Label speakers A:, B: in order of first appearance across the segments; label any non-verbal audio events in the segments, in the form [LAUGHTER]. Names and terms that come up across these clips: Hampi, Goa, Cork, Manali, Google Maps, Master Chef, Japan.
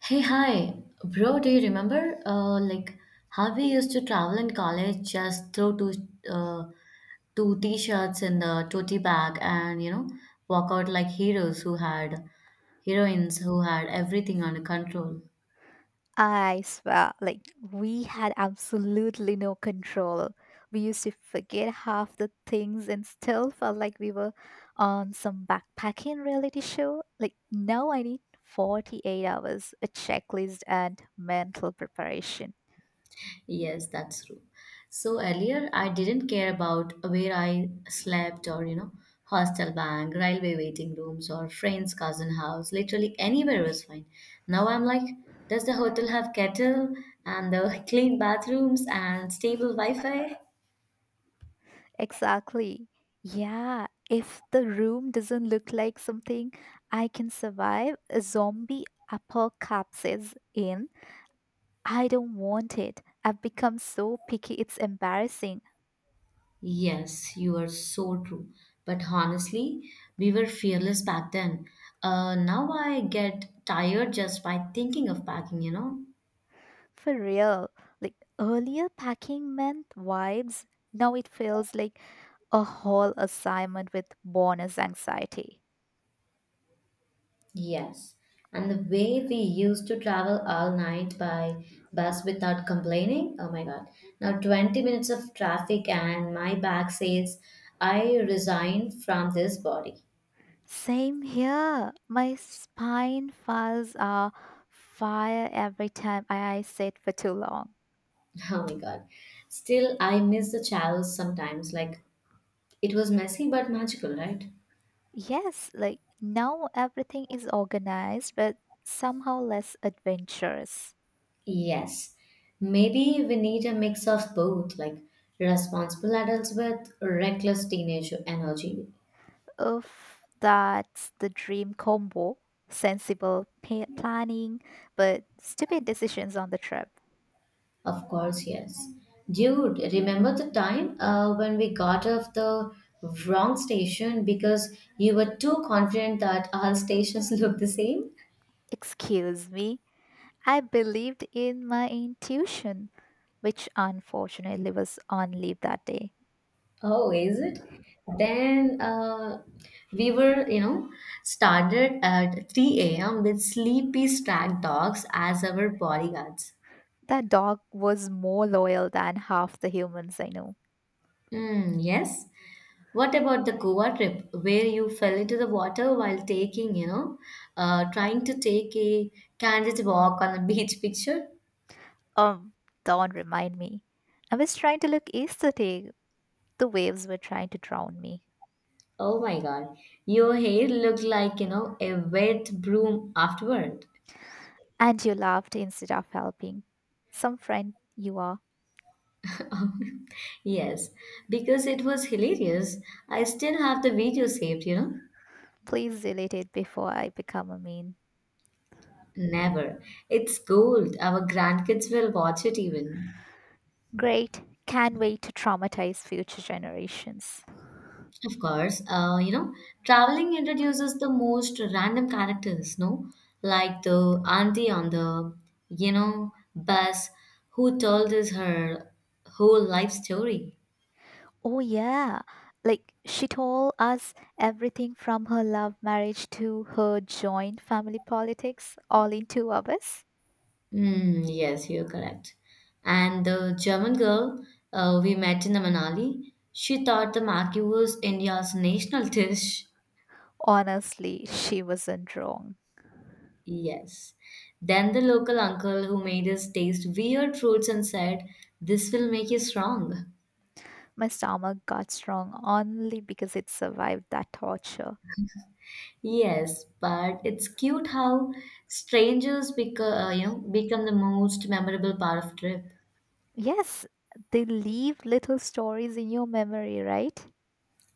A: Hey, hi, bro. Do you remember, like how we used to travel in college, just throw uh, two t-shirts in the tote bag, and walk out like heroes who had, heroines who had everything under control.
B: I swear, like, we had absolutely no control. We used to forget half the things and still felt like we were on some backpacking reality show. Like, now I need 48 hours, a checklist, and mental preparation.
A: Yes, that's true. So earlier, I didn't care about where I slept or, hostel bank, railway waiting rooms, or friend's cousin house. Literally anywhere was fine. Now I'm like, does the hotel have kettle and the [LAUGHS] clean bathrooms and stable Wi-Fi?
B: Exactly. Yeah, if the room doesn't look like something I can survive, a zombie apocalypse in, I don't want it. I've become so picky, it's embarrassing.
A: Yes, you are so true. But honestly, we were fearless back then. Now I get tired just by thinking of packing.
B: For real, like earlier packing meant vibes, now it feels like a whole assignment with bonus anxiety.
A: Yes, and the way we used to travel all night by bus without complaining, oh my God. Now, 20 minutes of traffic, and my back says, I resign from this body.
B: Same here. My spine files are fire every time I sit for too long.
A: [LAUGHS] Oh my God. Still, I miss the chows sometimes. Like, it was messy but magical, right?
B: Yes, like now everything is organized, but somehow less adventurous.
A: Yes. Maybe we need a mix of both, like responsible adults with reckless teenage energy.
B: Oof, that's the dream combo. Sensible planning, but stupid decisions on the trip.
A: Of course, yes. Dude, remember the time when we got off the wrong station because you were too confident that all stations [LAUGHS] look the same?
B: Excuse me, I believed in my intuition, which unfortunately was on leave that day.
A: Oh, is it? Then we were, you know, started at 3 a.m. with sleepy stag dogs as our bodyguards.
B: That dog was more loyal than half the humans I know.
A: Mm, yes. What about the Goa trip where you fell into the water while trying to take a candid walk on the [LAUGHS] beach picture?
B: Um, don't remind me. I was trying to look aesthetic. The waves were trying to drown me.
A: Oh my God, your hair looked like, a wet broom afterward.
B: And you laughed instead of helping. Some friend you are.
A: Yes, because it was hilarious. I still have the video saved.
B: Please delete it before I become a meme.
A: Never. It's gold. Our grandkids will watch it even.
B: Great. Can't wait to traumatize future generations.
A: Of course, traveling introduces the most random characters, no? Like the auntie on the, bus who told us her whole life story.
B: Oh, yeah. Like, she told us everything from her love marriage to her joint family politics all in 2 hours.
A: Mm, yes, you're correct. And the German girl we met in the Manali, she thought the maki was India's national [LAUGHS] dish.
B: Honestly, she wasn't wrong.
A: Yes. Then the local uncle who made us taste weird fruits and said, this will make you strong.
B: My stomach got strong only because it survived that torture.
A: Yes, but it's cute how strangers become, become the most memorable part of trip.
B: Yes, they leave little stories in your memory, right?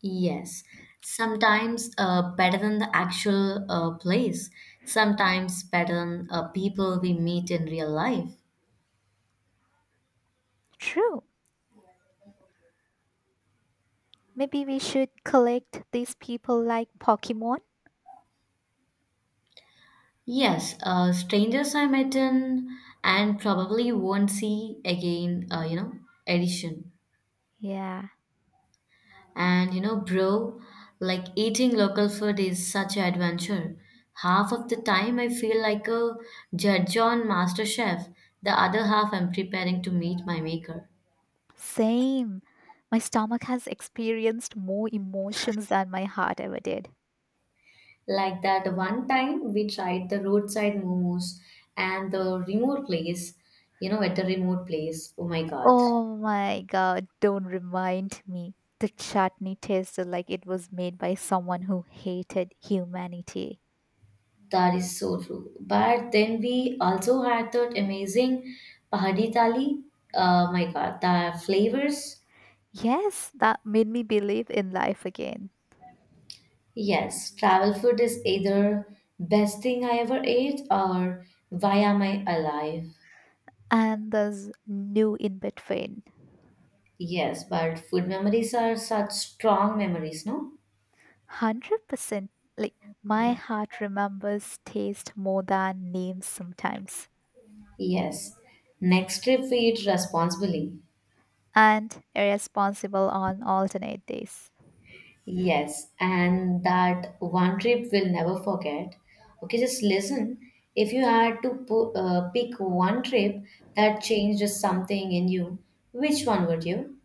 A: Yes, sometimes better than the actual place, sometimes better than people we meet in real life.
B: True. Maybe we should collect these people like Pokemon.
A: Yes, strangers I met in and probably won't see again, edition.
B: Yeah.
A: And bro, like eating local food is such an adventure. Half of the time I feel like a judge on Master Chef. The other half I'm preparing to meet my maker.
B: Same. My stomach has experienced more emotions than my heart ever did.
A: Like that one time we tried the roadside momos and the remote place, at the remote place. Oh my God.
B: Oh my god, don't remind me. The chutney tasted like it was made by someone who hated humanity.
A: That is so true. But then we also had that amazing pahadi thali. Oh my God, the flavors.
B: Yes, that made me believe in life again.
A: Yes, travel food is either best thing I ever ate or why am I alive?
B: And there's new in between.
A: Yes, but food memories are such strong memories, no?
B: 100%. Like, my heart remembers taste more than names sometimes.
A: Yes. Next trip we eat responsibly.
B: And irresponsible on alternate days.
A: Yes, and that one trip we'll never forget. Okay, just listen. If you had to pick one trip that changed something in you, which one would you?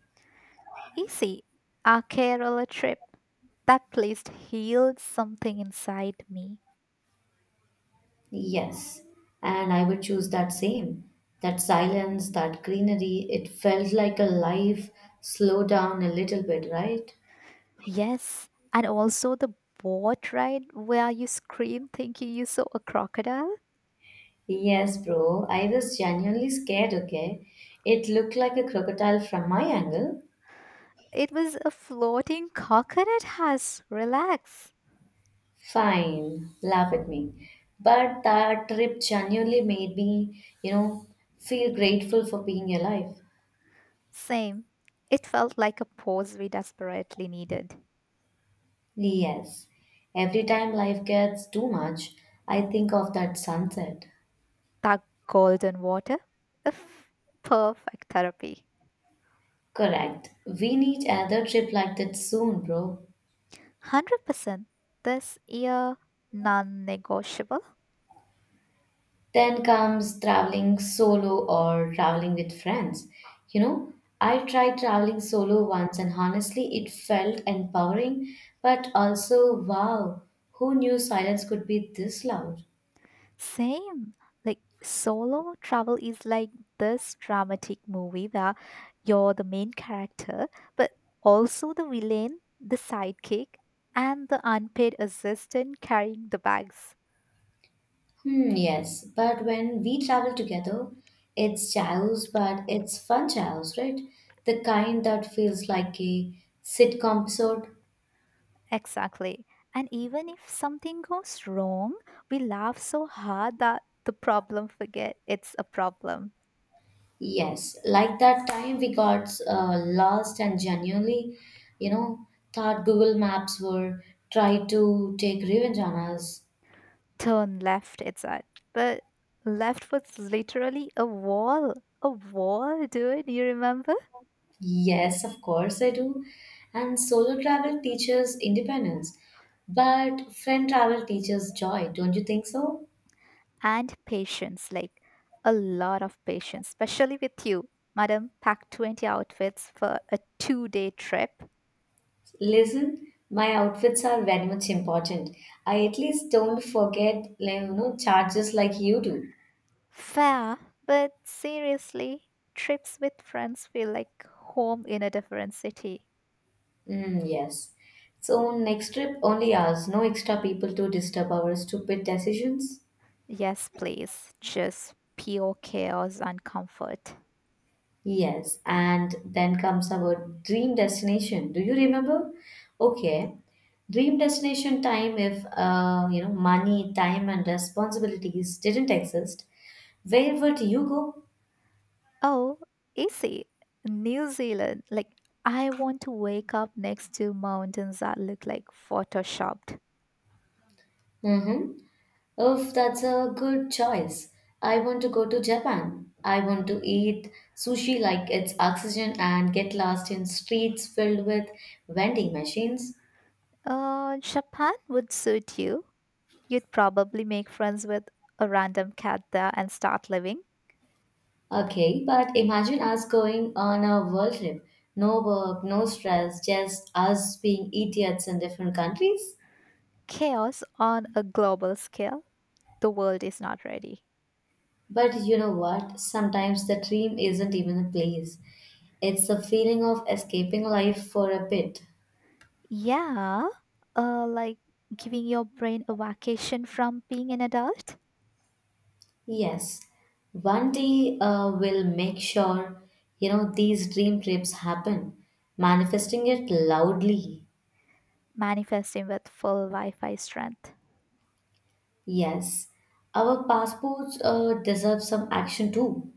B: Easy. A Kerala trip. That place healed something inside me.
A: Yes, and I would choose that same. That silence, that greenery, it felt like a life slow down a little bit, right?
B: Yes, and also the boat ride where you scream thinking you saw a crocodile.
A: Yes, bro, I was genuinely scared, okay? It looked like a crocodile from my angle.
B: It was a floating coconut house. Relax.
A: Fine, laugh at me. But that trip genuinely made me, feel grateful for being alive.
B: Same. It felt like a pause we desperately needed.
A: Yes, every time life gets too much, I think of that sunset.
B: That golden water. A f- Perfect therapy.
A: Correct. We need another trip like that soon, bro.
B: 100%. This year, non negotiable.
A: Then comes traveling solo or traveling with friends. You know, I tried traveling solo once and honestly it felt empowering, but also wow, who knew silence could be this loud?
B: Same. Like solo travel is like this dramatic movie where you're the main character, but also the villain, the sidekick, and the unpaid assistant carrying the bags.
A: Hmm, yes, but when we travel together, it's chaos, but it's fun chaos, right? The kind that feels like a sitcom episode.
B: Exactly. And even if something goes wrong, we laugh so hard that the problem forget it's a problem.
A: Yes, like that time we got lost and genuinely, you know, thought Google Maps were try to take revenge on us.
B: Turn left, it's at. But left was literally a wall. A wall, dude. You remember?
A: Yes, of course I do. And solo travel teaches independence, but friend travel teaches joy, don't you think so?
B: And patience, like a lot of patience, especially with you. Madam packed 20 outfits for a 2 day trip.
A: Listen, my outfits are very much important. I at least don't forget, like, charges like you do.
B: Fair, but seriously, trips with friends feel like home in a different city.
A: Mm, yes. So next trip only us, no extra people to disturb our stupid decisions.
B: Yes, please, just pure chaos and comfort.
A: Yes, and then comes our dream destination. Do you remember? Okay. Dream destination time if money, time and responsibilities didn't exist, where would you go?
B: Oh, easy. New Zealand, like, I want to wake up next to mountains that look like photoshopped.
A: Mm-hmm. Oh, that's a good choice. I want to go to Japan. I want to eat sushi like it's oxygen and get lost in streets filled with vending machines.
B: Japan would suit you. You'd probably make friends with a random cat there and start living
A: Okay, but imagine us going on a world trip. No work, no stress, just us being idiots in different countries.
B: chaos on a global scale. The world is not ready.
A: But you know what? Sometimes the dream isn't even a place. It's the feeling of escaping life for a bit.
B: Yeah, like giving your brain a vacation from being an adult,
A: Yes, one day we'll make sure these dream trips happen, manifesting it loudly.
B: manifesting with full Wi Fi strength.
A: Yes, our passports deserve some action too.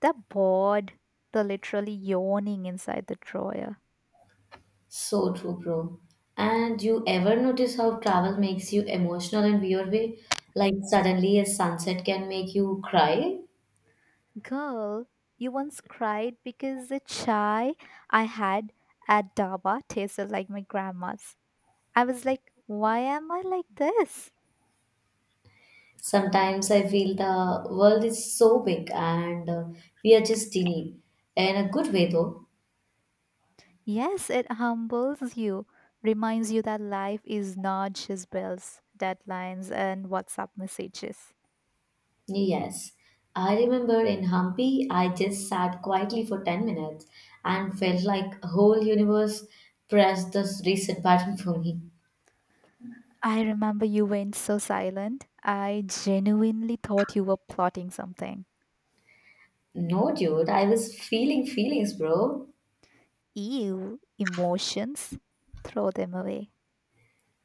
B: They're bored. They're literally yawning inside the drawer.
A: So true, bro. And you ever notice how travel makes you emotional in weird way? Like suddenly a sunset can make you cry.
B: Girl, you once cried because the chai I had at Daba tasted like my grandma's. I was like, why am I like this?
A: Sometimes I feel the world is so big and we are just teeny. In a good way though.
B: Yes, it humbles you, reminds you that life is not just bills, deadlines, and WhatsApp messages.
A: Yes, I remember in Hampi, I just sat quietly for 10 minutes and felt like a whole universe pressed this reset button for me.
B: I remember you went so silent. I genuinely thought you were plotting something.
A: No, dude, I was feeling feelings, bro.
B: Ew, emotions? Throw them away.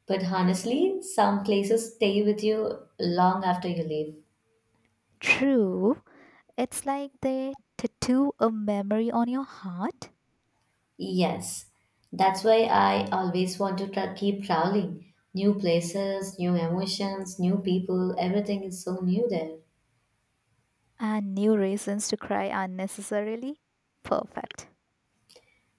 A: But honestly, some places stay with you long after you leave.
B: True, it's like they tattoo a memory on your heart,
A: Yes, that's why I always want to keep traveling. New places, new emotions, new people, everything is so new there.
B: and new reasons to cry unnecessarily. Perfect.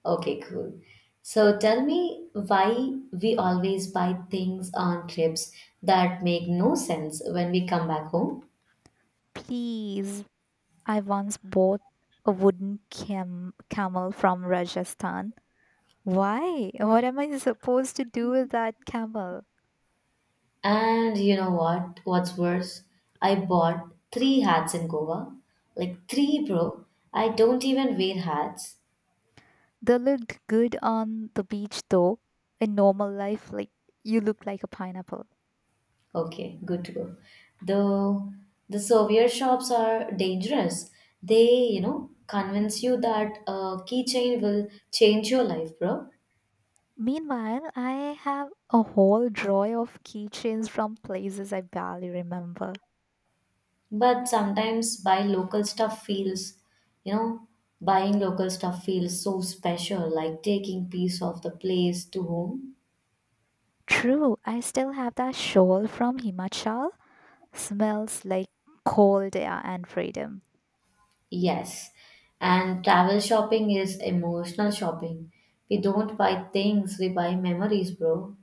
A: Okay, cool. So tell me why we always buy things on trips that make no sense when we come back home.
B: Please, I once bought a wooden camel from Rajasthan. Why? What am I supposed to do with that camel?
A: And you know what? What's worse? I bought three hats in Goa. Like three, bro. I don't even wear hats.
B: They looked good on the beach though. In normal life, like, you look like a pineapple.
A: Okay, good to go. Though the souvenir shops are dangerous. They, convince you that a keychain will change your life, bro.
B: Meanwhile, I have a whole drawer of keychains from places I barely remember.
A: But sometimes you know, buying local stuff feels so special, like taking piece of the place to home.
B: True, I still have that shawl from Himachal. Smells like cold air and freedom.
A: Yes. And travel shopping is emotional shopping. We don't buy things, we buy memories, bro.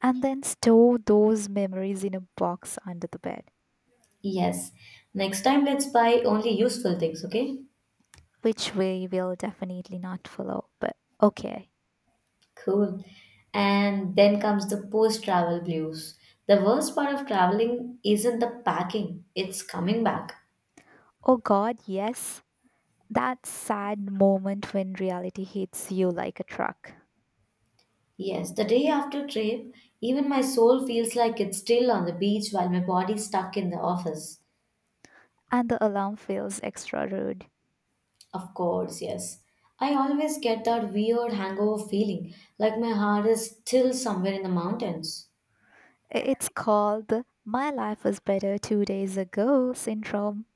B: And then store those memories in a box under the bed,
A: Yes. Next time, let's buy only useful things, okay?
B: which we will definitely not follow. But okay.
A: Cool. And then comes the post travel blues. The worst part of traveling isn't the packing, it's coming back.
B: Oh God, yes. That sad moment when reality hits you like a truck
A: Yes, the day after trip, even my soul feels like it's still on the beach while my body's stuck in the office.
B: and the alarm feels extra rude.
A: Of course, yes. I always get that weird hangover feeling, like my heart is still somewhere in the mountains.
B: It's called the My Life Was Better 2 Days Ago syndrome.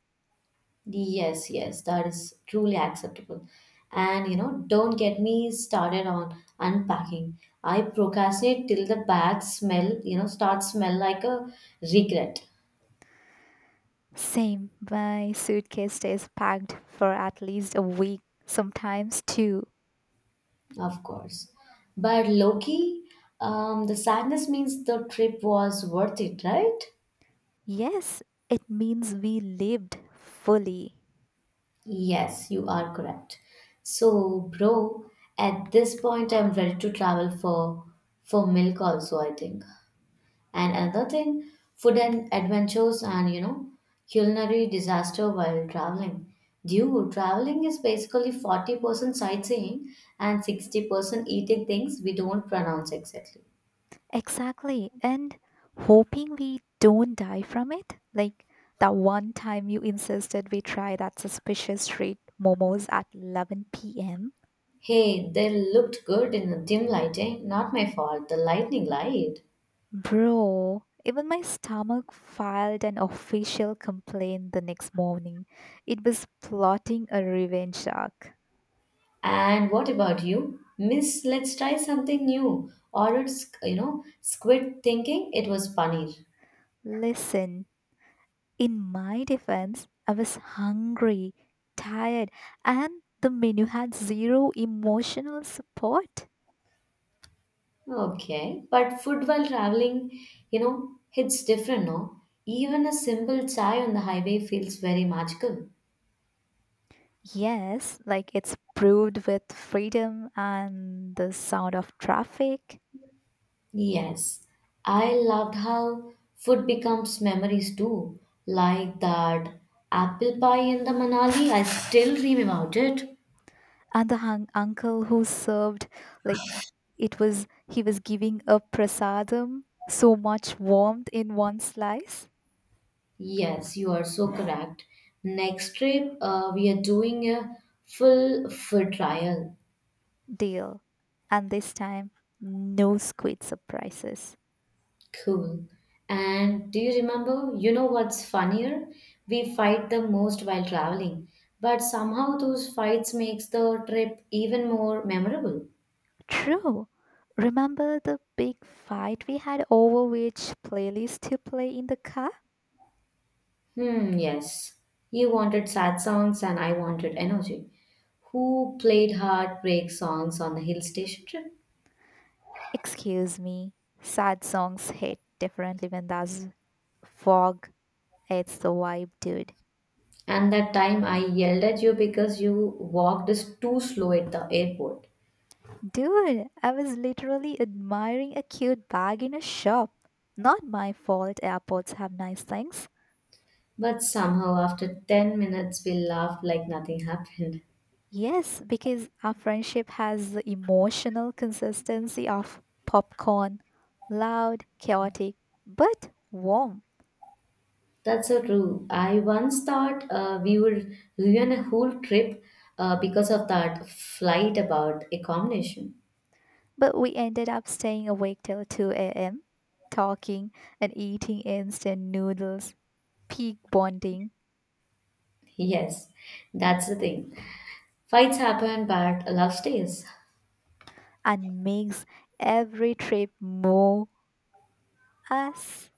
A: Yes, yes, that is truly acceptable. And don't get me started on unpacking. I procrastinate till the bag smell, starts smell like a regret.
B: Same, my suitcase stays packed for at least a week, sometimes two.
A: Of course. But Loki, the sadness means the trip was worth it, right?
B: Yes, it means we lived fully.
A: Yes, you are correct. So, bro, at this point, I'm ready to travel for milk also, I think. And another thing, food and adventures and, culinary disaster while traveling. Dude, traveling is basically 40% sightseeing and 60% eating things we don't pronounce exactly.
B: Exactly. And hoping we don't die from it. Like that one time you insisted we try that suspicious street momos at 11 p.m.
A: Hey, they looked good in the dim lighting. Not my fault, the lightning light.
B: Bro, even my stomach filed an official complaint the next morning. It was plotting a revenge arc.
A: And what about you? Miss, let's try something new. Ordered, squid thinking it was paneer.
B: Listen, in my defense, I was hungry, tired, and the menu had zero emotional support.
A: Okay, but food while traveling, hits different, no? Even a simple chai on the highway feels very magical.
B: Yes, like it's brewed with freedom and the sound of traffic
A: Yes, I loved how food becomes memories too. Like that apple pie in the Manali, I still dream about it.
B: and the hung uncle who served like it was he was giving a prasadam so much warmth in one slice.
A: Yes, you are so correct. Next trip, we are doing a full food trial.
B: Deal. And this time no squid surprises.
A: Cool. And do you remember? You know what's funnier? We fight the most while traveling, but somehow those fights makes the trip even more memorable.
B: True. Remember the big fight we had over which playlist to play in the car?
A: Hmm, yes. You wanted sad songs and I wanted energy. Who played heartbreak songs on the hill station trip?
B: Excuse me. Sad songs hit differently when there's fog. It's the vibe, dude.
A: And that time I yelled at you because you walked us too slow at the airport.
B: Dude, I was literally admiring a cute bag in a shop. Not my fault airports have nice things.
A: But somehow, after 10 minutes, we laughed like nothing happened.
B: Yes, because our friendship has the emotional consistency of popcorn. Loud, chaotic, but warm.
A: That's so true. I once thought we would ruin a whole trip because of that flight about accommodation. [LAUGHS]
B: But we ended up staying awake till 2 a.m., talking and eating instant noodles, peak bonding,
A: Yes, that's the thing. Fights happen, but love stays.
B: and makes every trip more us.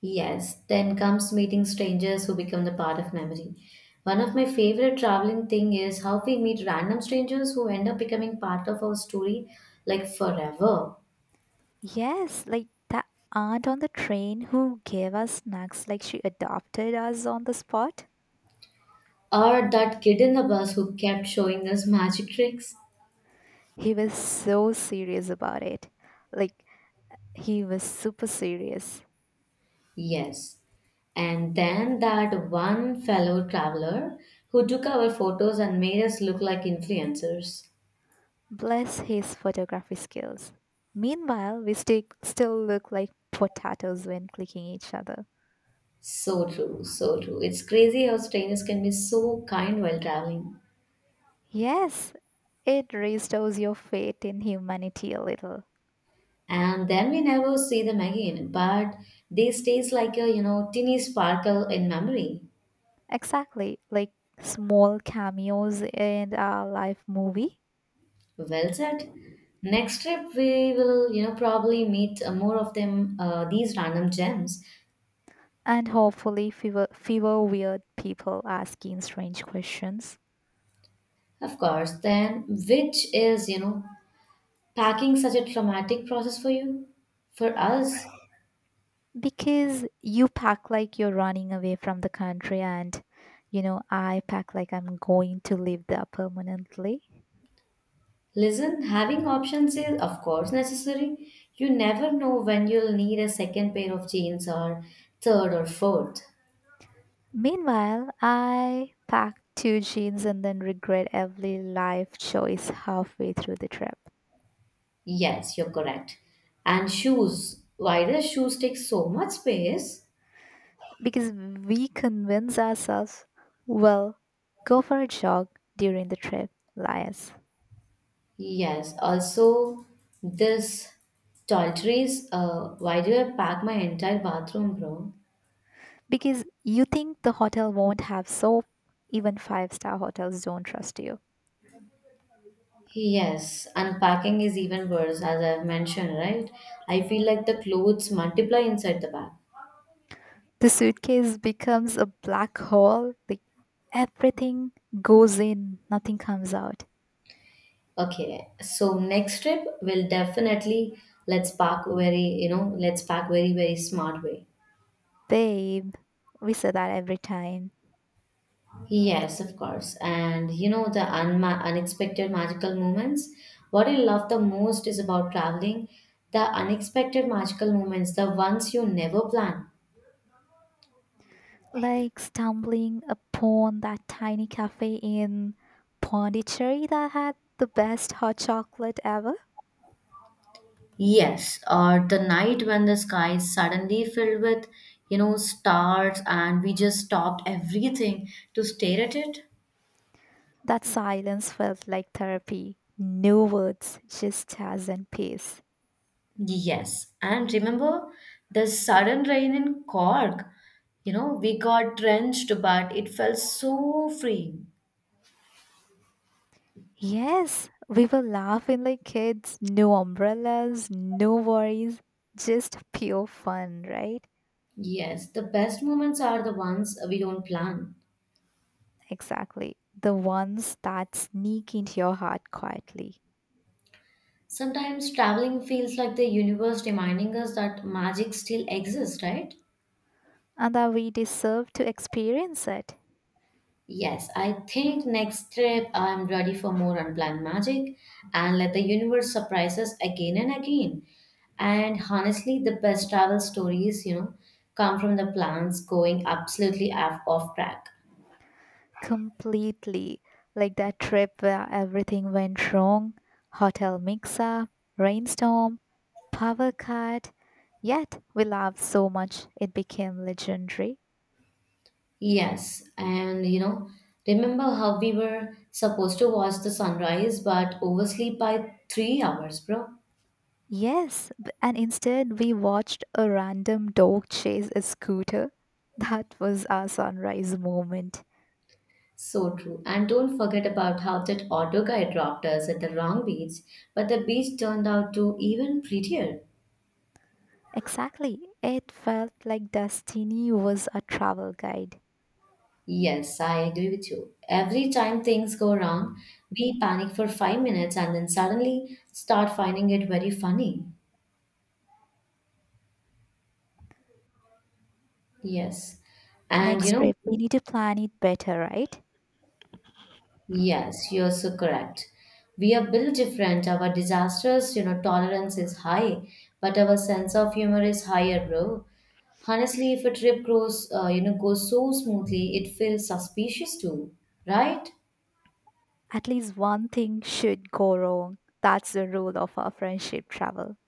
A: Yes, then comes meeting strangers who become the part of memory. One of my favorite traveling thing is how we meet random strangers who end up becoming part of our story like forever.
B: Yes, like that aunt on the train who gave us snacks like she adopted us on the spot.
A: Or that kid in the bus who kept showing us magic tricks.
B: He was so serious about it. Like, he was super serious.
A: Yes. And then that one fellow traveler who took our photos and made us look like influencers.
B: Bless his photography skills. Meanwhile, we still look like potatoes when clicking each other.
A: So true, so true. It's crazy how strangers can be so kind while traveling.
B: Yes, it restores your faith in humanity a little.
A: And then we never see them again, but they stays like a teeny sparkle in memory.
B: Exactly, like small cameos in our life movie.
A: Well said. Next trip we will probably meet more of them, these random gems.
B: And hopefully, fewer weird people asking strange questions.
A: Of course. Then which is packing such a traumatic process for you for us.
B: Because you pack like you're running away from the country, and you know, I pack like I'm going to live there permanently.
A: Listen, having options is of course necessary. You never know when you'll need a second pair of jeans or third or fourth.
B: Meanwhile, I packed two jeans and then regret every life choice halfway through the trip
A: Yes, you're correct. And shoes. Why does shoes take so much space?
B: because we convince ourselves, well, go for a jog during the trip, liars.
A: Yes, also this toiletries. Why do I pack my entire bathroom, bro?
B: Because you think the hotel won't have soap, even five-star hotels don't trust you.
A: Yes, unpacking is even worse, as I've mentioned, right? I feel like the clothes multiply inside the bag.
B: The suitcase becomes a black hole, like everything goes in, nothing comes out.
A: Okay, so next trip will definitely let's pack very, very smart way.
B: Babe, we say that every time.
A: Yes, of course. And, the unma unexpected magical moments. What I love the most is about traveling, the unexpected magical moments, the ones you never plan.
B: Like stumbling upon that tiny cafe in Pondicherry that had the best hot chocolate ever.
A: Yes, or the night when the sky is suddenly filled with, stars, and we just stopped everything to stare at it.
B: That silence felt like therapy. No words, just jazz and peace.
A: Yes, and remember the sudden rain in Cork. We got drenched, but it felt so free.
B: Yes, we were laughing like kids, no umbrellas, no worries, just pure fun, right?
A: Yes, the best moments are the ones we don't plan.
B: Exactly. The ones that sneak into your heart quietly.
A: Sometimes traveling feels like the universe reminding us that magic still exists, right?
B: And that we deserve to experience it
A: Yes, I think next trip I'm ready for more unplanned magic, and let the universe surprise us again and again. And honestly, the best travel stories, come from the plans going absolutely off track.
B: completely. Like that trip where everything went wrong, hotel mix up, rainstorm, power cut. Yet we laughed so much it became legendary.
A: Yes, and, remember how we were supposed to watch the sunrise but oversleep by 3 hours, bro?
B: Yes, and instead we watched a random dog chase a scooter. That was our sunrise moment.
A: So true. And don't forget about how that auto guy dropped us at the wrong beach, but the beach turned out to even prettier.
B: Exactly. It felt like Destiny was a travel guide.
A: Yes, I agree with you. Every time things go wrong, we panic for 5 minutes and then suddenly start finding it very funny. Yes. And
B: Next trip, we need to plan it better, right?
A: yes, you're so correct. We are built different. Our disasters, tolerance is high, but our sense of humor is higher, bro. Honestly, if a trip goes, goes so smoothly, it feels suspicious too, right?
B: At least one thing should go wrong. That's the rule of our friendship travel.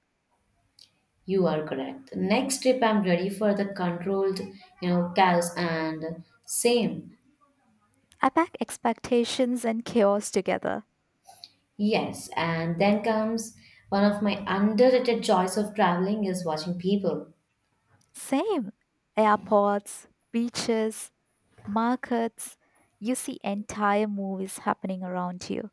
A: You are correct. Next trip, I'm ready for the controlled, chaos and same.
B: I pack expectations and chaos together.
A: Yes, and then comes one of my underrated joys of traveling is watching people.
B: Same. Airports, beaches, markets, you see entire movies happening around you.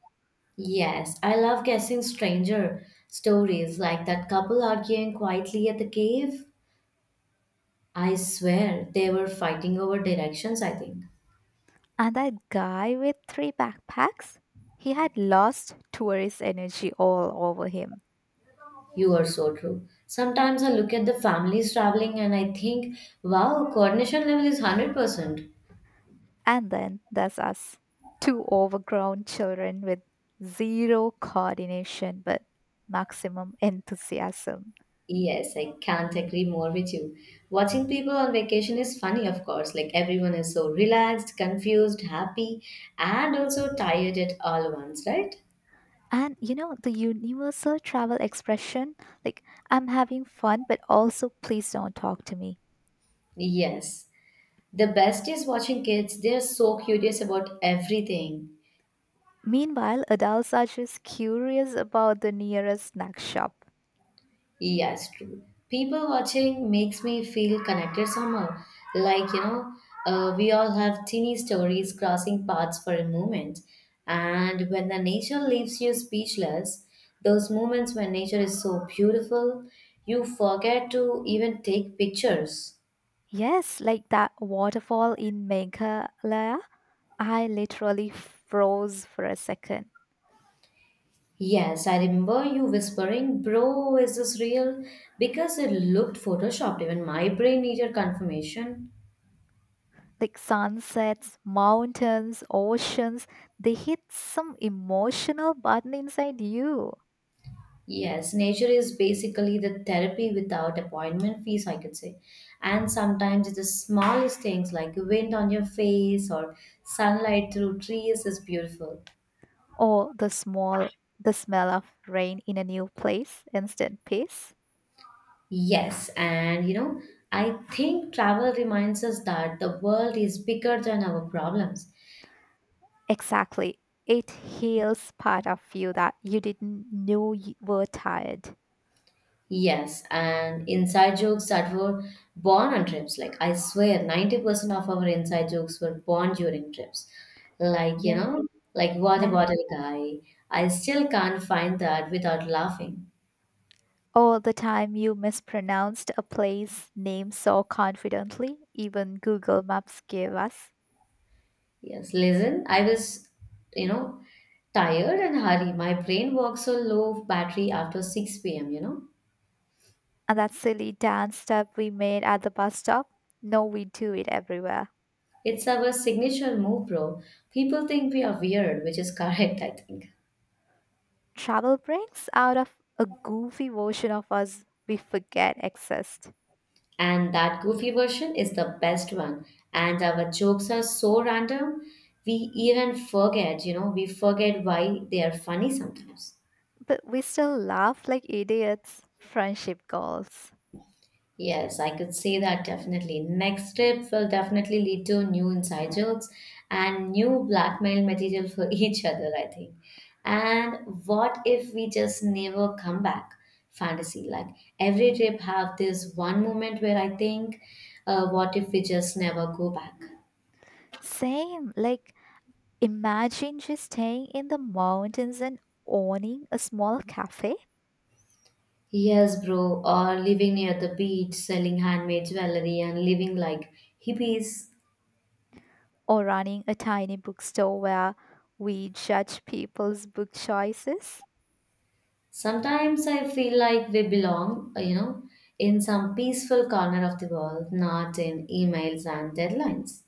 A: Yes, I love guessing stranger stories like that couple arguing quietly at the cave. I swear they were fighting over directions, I think.
B: And that guy with three backpacks, he had lost tourist energy all over him.
A: You are so true. Sometimes I look at the families traveling and I think, wow, coordination level is 100%.
B: And then there's us, two overgrown children with zero coordination but maximum enthusiasm.
A: Yes, I can't agree more with you. Watching people on vacation is funny, of course. Like everyone is so relaxed, confused, happy, and also tired at all once, right?
B: And you know, the universal travel expression, like, I'm having fun, but also please don't talk to me.
A: Yes. The best is watching kids. They're so curious about everything.
B: Meanwhile, adults are just curious about the nearest snack shop.
A: Yes, true. People watching makes me feel connected somehow. Like, we all have teeny stories crossing paths for a moment. And when the nature leaves you speechless, those moments when nature is so beautiful, you forget to even take pictures.
B: Yes, like that waterfall in Meghalaya, I literally froze for a second.
A: Yes, I remember you whispering, "Bro, is this real?" Because it looked photoshopped, even my brain needed confirmation.
B: Like sunsets, mountains, oceans, they hit some emotional button inside you.
A: Yes, nature is basically the therapy without appointment fees, I could say. And sometimes it's the smallest things like wind on your face or sunlight through trees is beautiful.
B: Or the smell of rain in a new place, instant peace.
A: Yes, and I think travel reminds us that the world is bigger than our problems.
B: Exactly. It heals part of you that you didn't know you were tired.
A: Yes, and inside jokes that were born on trips. Like, I swear, 90% of our inside jokes were born during trips. Like,
B: Yeah,
A: like water
B: yeah.
A: bottle guy. I still can't find that without laughing.
B: All the time you mispronounced a place name so confidently, even Google Maps gave us.
A: Yes, listen, I was, you know, tired and hurry. My brain works on low battery after 6 p.m.,
B: And that silly dance step we made at the bus stop, no, we do it everywhere.
A: It's our signature move, bro. People think we are weird, which is [LAUGHS] correct, I think.
B: Travel brings out of a goofy version of us we forget exist.
A: And that goofy version is the best one, and our jokes are so random, we even forget we forget why they are funny sometimes.
B: But we still laugh like idiots. Friendship goals.
A: Yes, I could say that. Definitely next trip will definitely lead to new inside jokes and new blackmail material for [LAUGHS] each other, I think. And what if we just never come back? Fantasy, like every trip have this one moment where I think, what if we just never go back?
B: Same, like imagine just staying in the mountains and owning a small cafe
A: Yes, bro, or living near the beach, selling handmade jewelry, and living like hippies.
B: or running a tiny bookstore where we judge people's book choices?
A: Sometimes I feel like we belong, in some peaceful corner of the world, not in emails and deadlines.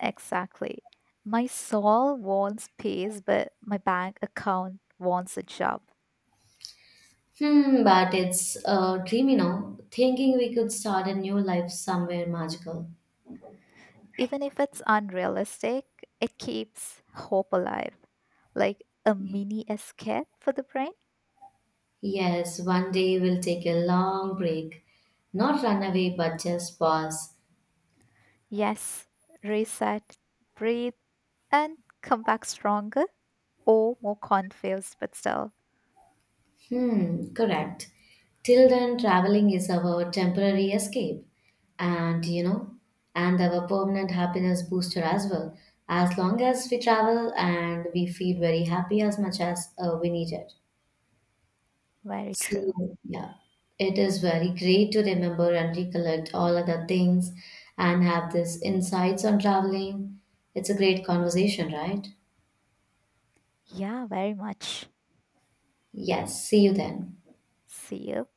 B: Exactly. My soul wants peace, but my bank account wants a job.
A: Hmm, but it's a dream, thinking we could start a new life somewhere magical.
B: Even if it's unrealistic, it keeps hope alive, like a mini escape for the brain.
A: Yes, one day we'll take a long break, not run away, but just pause.
B: Yes, reset, breathe, and come back stronger or more confused, but still
A: Hmm, correct. Till then, traveling is our temporary escape, and you know, and our permanent happiness booster as well. As long as we travel, and we feel very happy as much as we need it.
B: very true.
A: So, yeah, it is very great to remember and recollect all other things and have this insights on traveling. It's a great conversation, right?
B: Yeah, very much.
A: Yes, see you then.
B: See you.